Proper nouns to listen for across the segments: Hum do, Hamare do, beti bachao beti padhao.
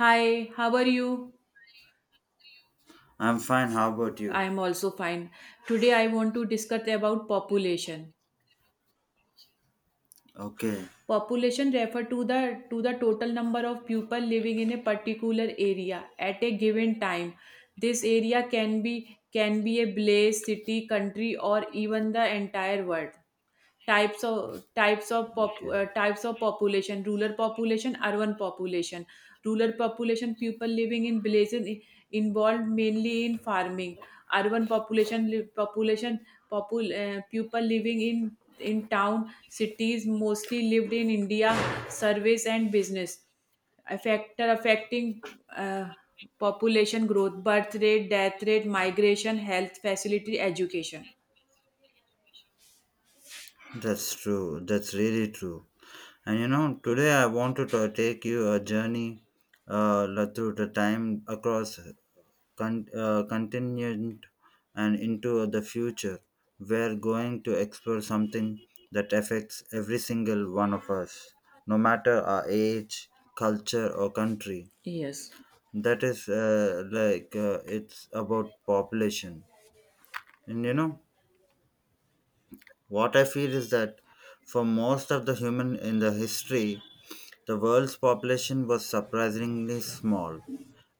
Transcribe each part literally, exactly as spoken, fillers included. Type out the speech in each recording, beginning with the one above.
Hi, how are you? I'm fine. How about I you? am also fine. Today I want to discuss about population. Okay. Population refer to the to the total number of people living in a particular area at a given time. This area can be can be a place, city, country or even the entire world. types of types of pop, Okay. uh, types of population, rural population, urban population, rural population, people living in villages, i- involved mainly in farming. Urban population, li- population popul, uh, people living in in town, cities mostly lived in India, service and business. A factor affecting, uh, population growth, birth rate, death rate, migration, health facility, education. That's true. That's really true. And you know, today I want to ta- take you a journey, uh, la- through the time, across con- uh, continent and into the future. We're going to explore something that affects every single one of us, no matter our age, culture, or country. Yes. That is, uh, like, uh, it's about population. And you know, What I feel is that for most of the human in the history, the world's population was surprisingly small.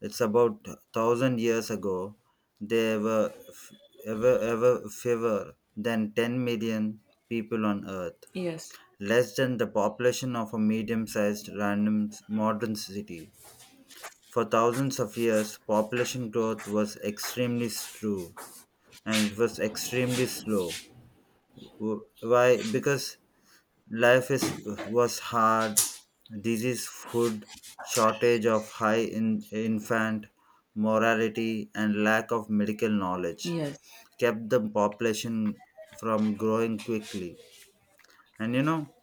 It's about thousand years ago. There were f- ever ever fewer than ten million people on Earth, Yes. less than the population of a medium-sized random s- modern city. For thousands of years, population growth was extremely slow, and it was extremely slow. W- Why? Because Life is was hard. Disease, food shortage of high in, infant mortality, and lack of medical knowledge Yes. kept the population from growing quickly. And you know,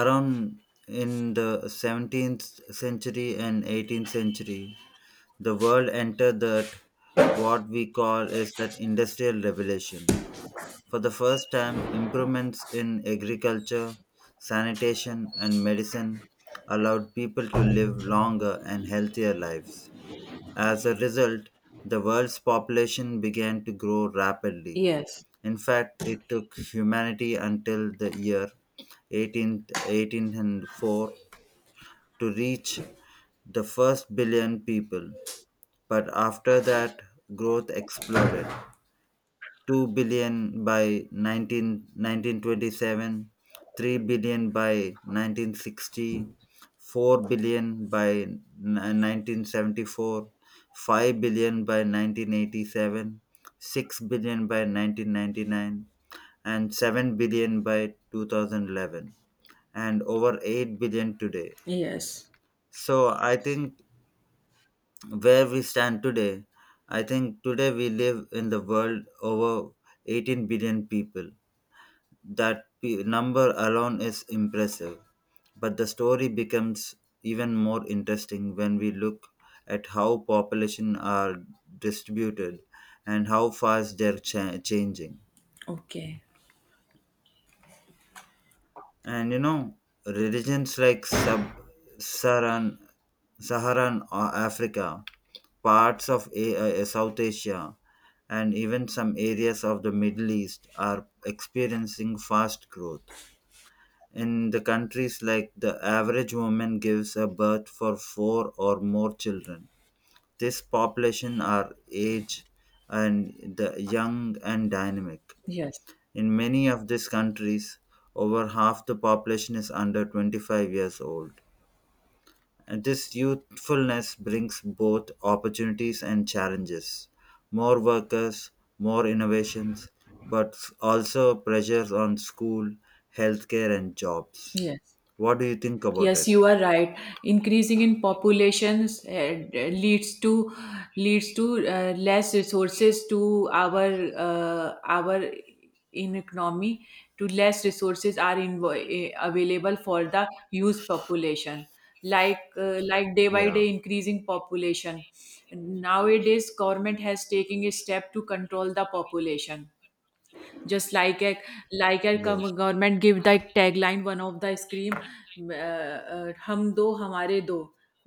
around in the seventeenth century and eighteenth century, the world entered that what we call is that industrial revolution. For the first time, improvements in agriculture, sanitation, and medicine allowed people to live longer and healthier lives. As a result, the world's population began to grow rapidly. Yes. In fact, it took humanity until the year one eight one eight zero four to reach the first billion people. But after that, growth exploded. two billion by nineteen nineteen twenty, three billion by nineteen sixty, four billion by n- nineteen seventy-four, five billion by nineteen eighty-seven, six billion by nineteen ninety-nine, and seven billion by two thousand eleven, and over eight billion today. Yes. So I think where we stand today, I think today we live in the world over eighteen billion people. That p- number alone is impressive, but the story becomes even more interesting when we look at how population are distributed and how fast they're cha- changing. Okay. And you know, religions like sub-Saharan, Saharan Saharan uh, Africa, parts of A- uh, uh, South Asia, and even some areas of the Middle East are experiencing fast growth. In the countries like, the average woman gives a birth for four or more children. This population are age and the young and dynamic. Yes. In many of these countries, over half the population is under twenty-five years old. And this youthfulness brings both opportunities and challenges. More workers, more innovations, but also pressures on school, healthcare, and jobs. Yes. What do you think about Yes, it? you are right. Increasing in populations uh, leads to leads to uh, less resources to our uh, our in economy. To less resources are invo- eh, available for the youth population. Like uh, like day by Yeah. day increasing population. Nowadays, government has taken a step to control the population, just like a, like a Yes. com- government give the tagline, one of the scream, uh, uh, हम दो हमारे दो,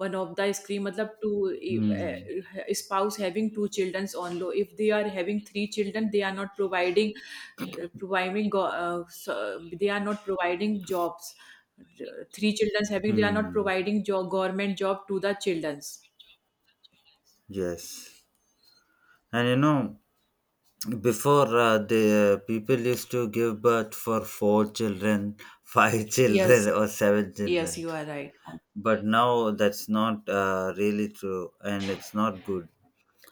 one of the scream मतलब two e, Hmm. uh, spouse having two childrens. On low, if they are having three children, they are not providing, uh, providing go- uh, so- they are not providing jobs. Three childrens having, they are not Hmm. providing job, government job to the childrens. Yes. And you know, before, uh, the uh, people used to give birth for four children, five Yes. children, or seven children. Yes, you are right. But now that's not uh, really true, and it's not good.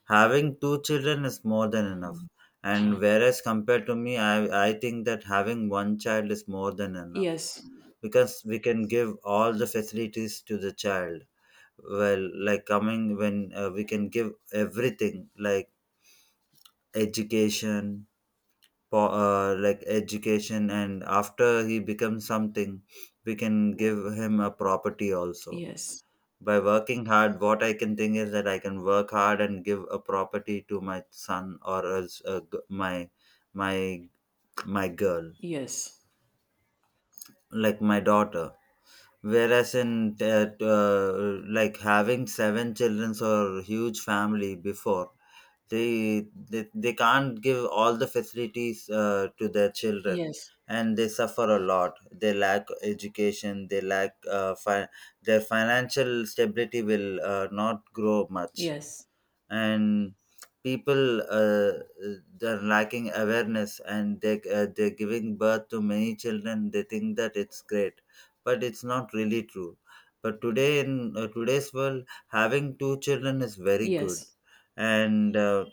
Having two children is more than enough. And whereas compared to me, I, I think that having one child is more than enough, Yes. because we can give all the facilities to the child, well, like, coming when uh, we can give everything, like education, po- uh, like education, and after he becomes something, we can give him a property also. Yes. By working hard, what I can think is that I can work hard and give a property to my son, or else uh, g- my my my girl, Yes. like my daughter. Whereas in, uh, uh, like, having seven children or huge family before, they they, they can't give all the facilities uh, to their children, Yes. and they suffer a lot. They lack education, they lack uh, fi- their financial stability will uh, not grow much. Yes, And people, uh, they're lacking awareness, and they, uh, they're giving birth to many children. They think that it's great, but it's not really true. But today, in uh, today's world, having two children is very good. yes, And uh,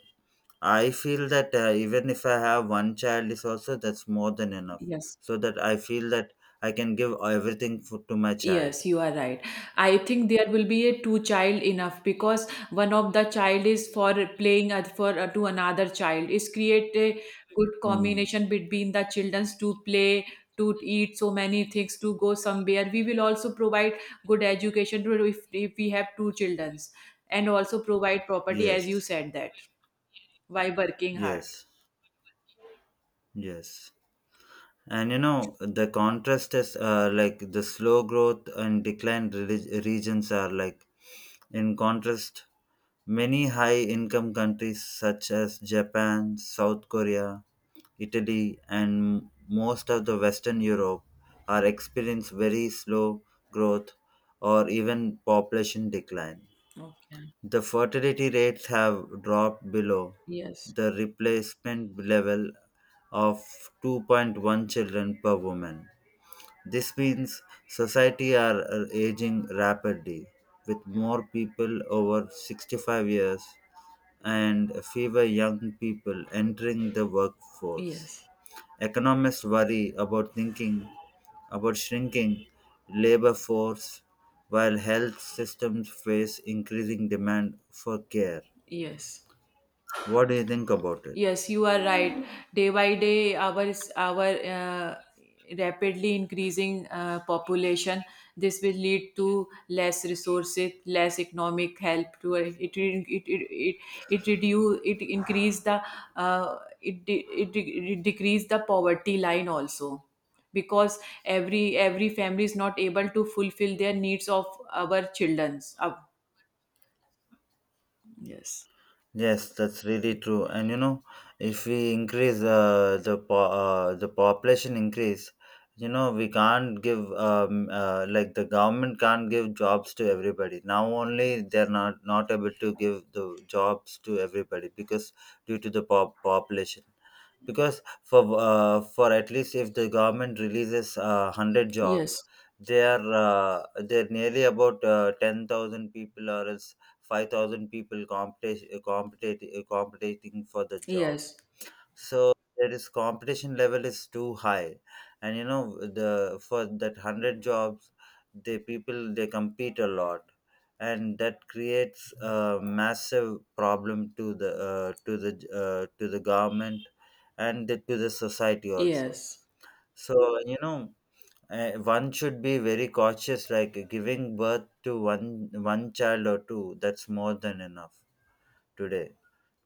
I feel that, uh, even if I have one child is also, that's more than enough. yes, So that I feel that I can give everything for, to my child. yes, you are right. I think there will be a two child enough, because one of the child is for playing and for, uh, to another child is create a good Mm. combination between the childrens to play, to eat so many things, to go somewhere. We will also provide good education to, if, if we have two childrens, and also provide property as you Yes, said, that by working hard. yes, yes. And you know, the contrast is, uh, like the slow growth and decline relig- regions are, like, in contrast, many high income countries such as Japan, South Korea, Italy, and most of the Western Europe are experiencing very slow growth, or even population decline. Okay. The fertility rates have dropped below Yes, the replacement level of two point one children per woman. This means society are, uh, aging rapidly with more people over sixty-five years and fewer young people entering the workforce. yes, Economists worry about thinking about shrinking labor force while health systems face increasing demand for care. yes. What do you think about it? Yes, you are right. Day by day, our our uh, rapidly increasing uh, population. This will lead to less resources, less economic help. To it, it it it it reduce it increase the, uh, it, de- it de- it decrease the poverty line also, because every every family is not able to fulfill their needs of our children's. Uh, yes. Yes, that's really true. And you know, if we increase, uh, the po- uh, the population increase, you know, we can't give, um, uh, like, the government can't give jobs to everybody. Now only they're not not able to give the jobs to everybody because due to the pop- population. Because for, uh, for at least if the government releases, uh, a hundred jobs, Yes. they are, uh, they're nearly about, uh, ten thousand people or else five thousand people, competi competition, competing for the job, Yes. so there is competition level is too high. And you know, the for that a hundred jobs, the people they compete a lot, and that creates a massive problem to the, uh, to the uh, to the government, and the, to the society also. Yes. So you know, uh, one should be very cautious, like giving birth to one one child or two, that's more than enough today.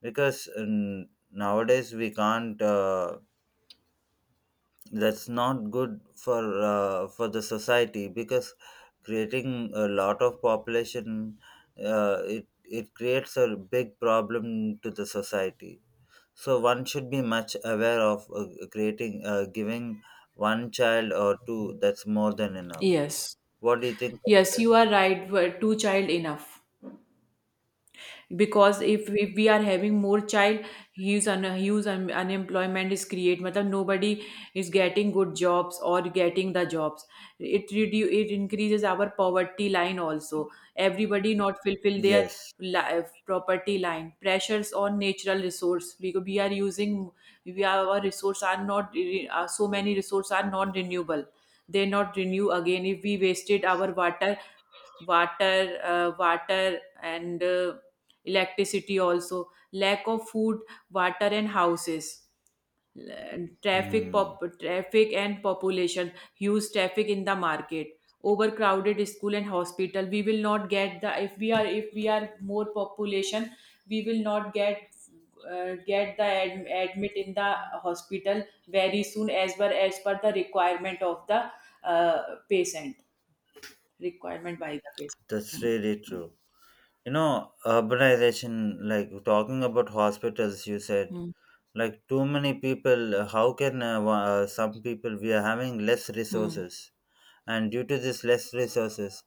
Because, um, nowadays we can't, uh, that's not good for, uh, for the society, because creating a lot of population, uh, it it creates a big problem to the society. So one should be much aware of, uh, creating, uh, giving one child or two, that's more than enough. Yes. What do you think Yes. about it? you are right. w- Two child enough, because if, if we are Yeah. having more child, huge un, huge un, unemployment is create. Matlab nobody is getting good jobs or getting the jobs. It redu- it increases our poverty line also. Everybody not fulfill their Yes. life, property line. Pressures on natural resource, because we are using, we are, our resource are not re- uh, so many resources are non renewable, they not renew again, if we wasted our water, water uh, water and, uh, electricity also, lack of food, water and houses, traffic Hmm. pop traffic and population, huge traffic in the market, overcrowded school and hospital. We will not get the, if we are, if we are more population, we will not get, uh, get the ad, admit in the hospital very soon, as per, as per the requirement of the, uh, patient, requirement by the patient. That's Hmm, really true. You know, urbanization, like, talking about hospitals you said, hmm, like too many people, uh, how can, uh, wa- uh, some people we are having less hmm, resources, and due to this less resources,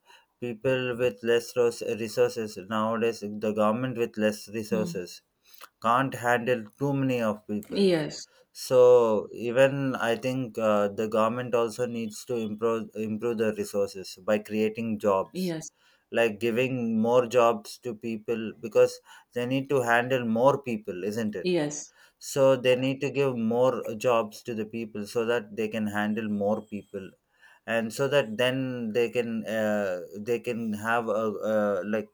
people with less ros- resources nowadays, the government with less hmm, hmm. resources can't handle too many of people. Yes. So even I think, uh, the government also needs to improve improve the resources by creating jobs, Yes. like giving more jobs to people, because they need to handle more people, isn't it? Yes. So they need to give more jobs to the people so that they can handle more people, and so that then they can, uh, they can have a, uh, like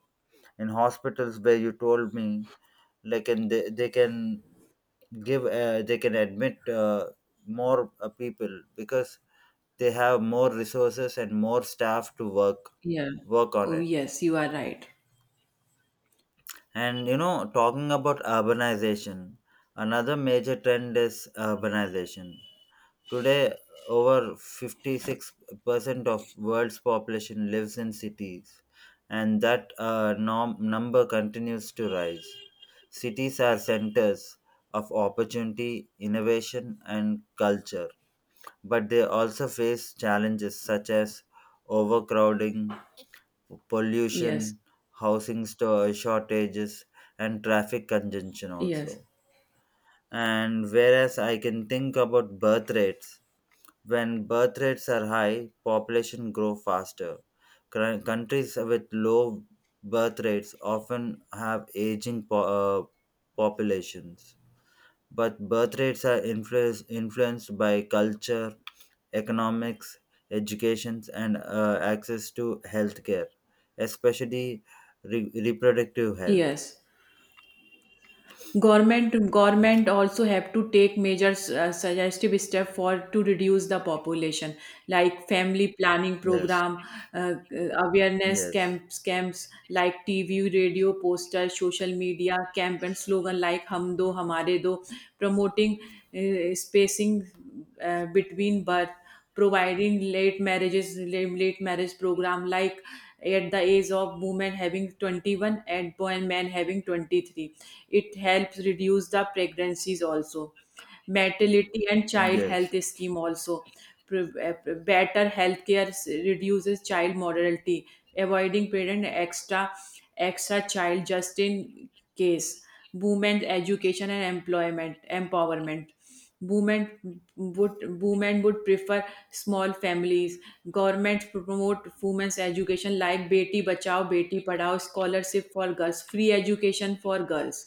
in hospitals where you told me, like, and they, they can give, uh, they can admit, uh, more, uh, people, because they have more resources and more staff to work Yeah. work on Oh it. yes, you are right. And you know, talking about urbanization, another major trend is urbanization. Today, over fifty-six percent of world's population lives in cities, and that, uh, nom- number continues to rise. Cities are centers of opportunity, innovation, and culture, but they also face challenges such as overcrowding, Yes, pollution, housing sto- shortages, and traffic congestion yes, also. And whereas I can think about birth rates, when birth rates are high, population grow faster. Cr- Countries with low birth rates often have aging po- uh, populations. But birth rates are, influence, influenced by culture, economics, education, and uh, access to healthcare, especially re- reproductive health. yes. Government, government also have to take measures, uh, suggestive step for to reduce the population, like family planning Yes, program, uh, uh, awareness yes, camps, camps like T V, radio, poster, social media camp and slogan like "Hum do, Hamare do," promoting uh, spacing uh, between birth, providing late marriages, late marriage program like at the age of women having twenty-one and boy- men having twenty-three. It helps reduce the pregnancies also, maternity and child yes, health scheme also. Pre- eh, Better healthcare, s- reduces child mortality, avoiding parent extra extra child just in case. Women education and employment empowerment, women would women would prefer small families. Government promote women's education like beti bachao beti padhao, scholarship for girls, free education for girls.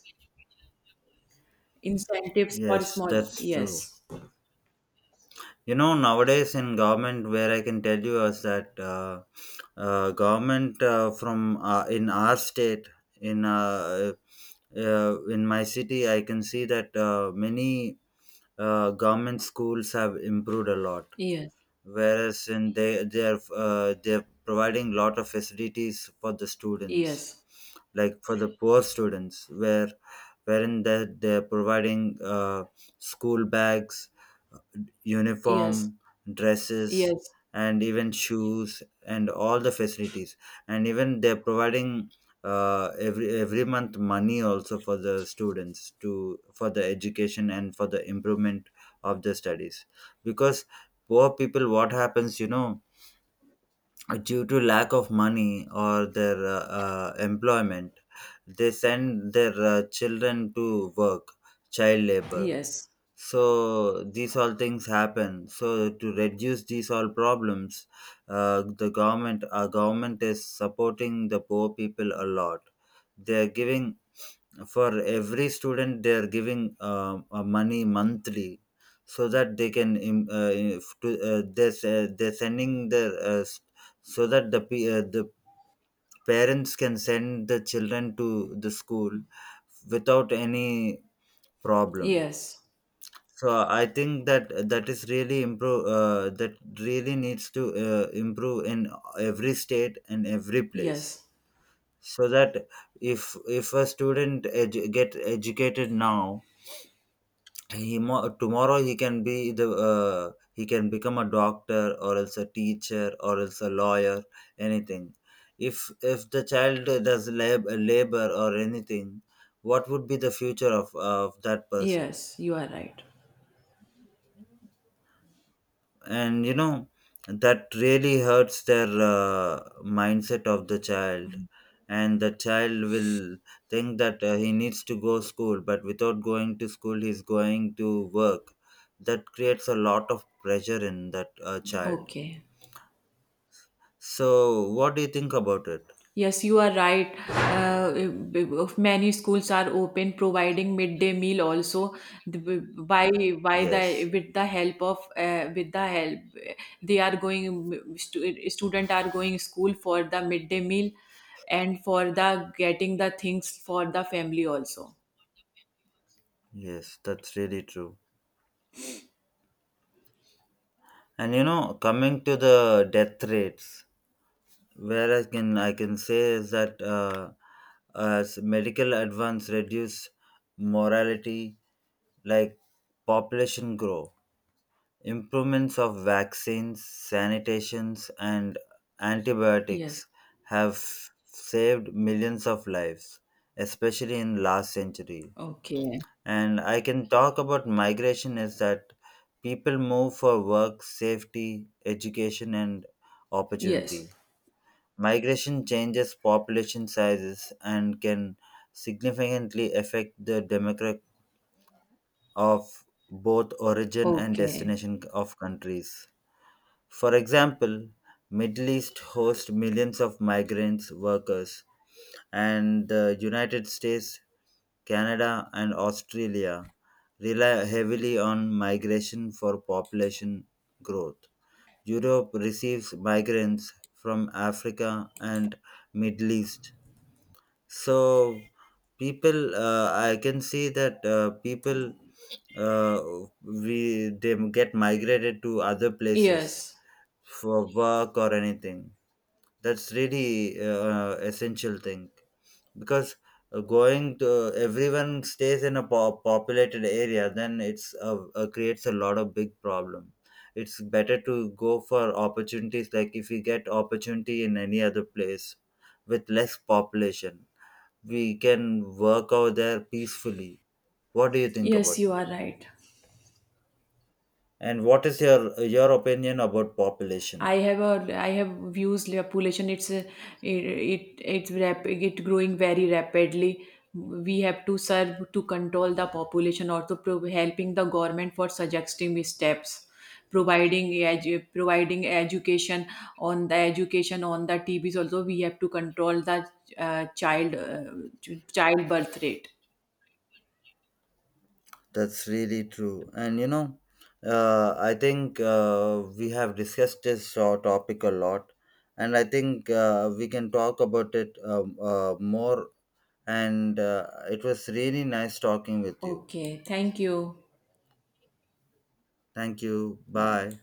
Incentives for yes, small. that's true. Yes. You know, nowadays in government, where I can tell you is that, uh, uh, government, uh, from uh, in our state, in uh, uh, in my city, I can see that, uh, many, uh, government schools have improved a lot. Yes. Whereas in, they they are uh, they are providing lot of facilities for the students, Yes. like for the poor students, where wherein they they're providing, uh, school bags, Yes. uniform, dresses, Yes. and even shoes and all the facilities. And even they're providing, uh, every every month money also for the students, to for the education and for the improvement of the studies. Because poor people, what happens, you know, due to lack of money or their, uh, uh, employment, they send their, uh, children to work, child labor. Yes. So these all things happen, so to reduce these all problems, uh, the government, our government, is supporting the poor people a lot. They are giving, for every student they are giving, uh, uh, money monthly, so that they can, im- uh, if to, uh, they're, they're sending their, uh, s- so that the pe- uh, the parents can send the children to the school without any problem. Yes. So I think that that is really improve. Uh, that really needs to, uh, improve in every state and every place. Yes. So that if if a student edu- get educated now, he mo- tomorrow he can be the uh, he can become a doctor or else a teacher or else a lawyer, anything. If if the child does lab, labor or anything, what would be the future of of that person? Yes. You are right. And you know, that really hurts their, uh, mindset of the child, and the child will think that, uh, he needs to go school, but without going to school he's going to work. That creates a lot of pressure in that, uh, child. Okay. So what do you think about it? Yes, you are right. Uh, many schools are open, providing midday meal also. The- by by the, Yes, with the help of, uh, with the help they are going, stu- student are going school for the midday meal and for the getting the things for the family also. yes, that's really true. And you know, coming to the death rates, where I can I can say is that, uh, as medical advance reduce morality, like, population grow, improvements of vaccines, sanitations, and Yes. antibiotics have saved millions of lives, especially in last century. Okay. And I can talk about migration is that people move for work, safety, education, and Yes. opportunity. Migration changes population sizes and can significantly affect the demographic of both origin and Okay. destination of countries. For example, Middle East hosts millions of migrants workers, and the United States, Canada, and Australia rely heavily on migration for population growth. Europe receives migrants from Africa and Middle East. So people, uh, I can see that, uh, people, uh, we they get migrated to other places Yes. for work or anything. That's really, uh, essential thing, because, uh, going to everyone stays in a po- populated area, then it's, uh, uh, creates a lot of big problem. It's better to go for opportunities, like if you get opportunity in any other place with less population, we can work out there peacefully. What do you think Yes, about you it? are right. And what is your your opinion about population? I have a I have views la- population. It's a, it, it it's rap it growing very rapidly. We have to serve to control the population or to pro- helping the government for suggesting steps, providing edu- providing education on the education on the T TVs. Also, we have to control the uh, child uh, ch- child birth rate. That's really true. And you know, uh, I think, uh, we have discussed this, uh, topic a lot, and I think, uh, we can talk about it, um, uh, more. And uh, it was really nice talking with you. Okay. Thank you. Thank you. Bye. Bye.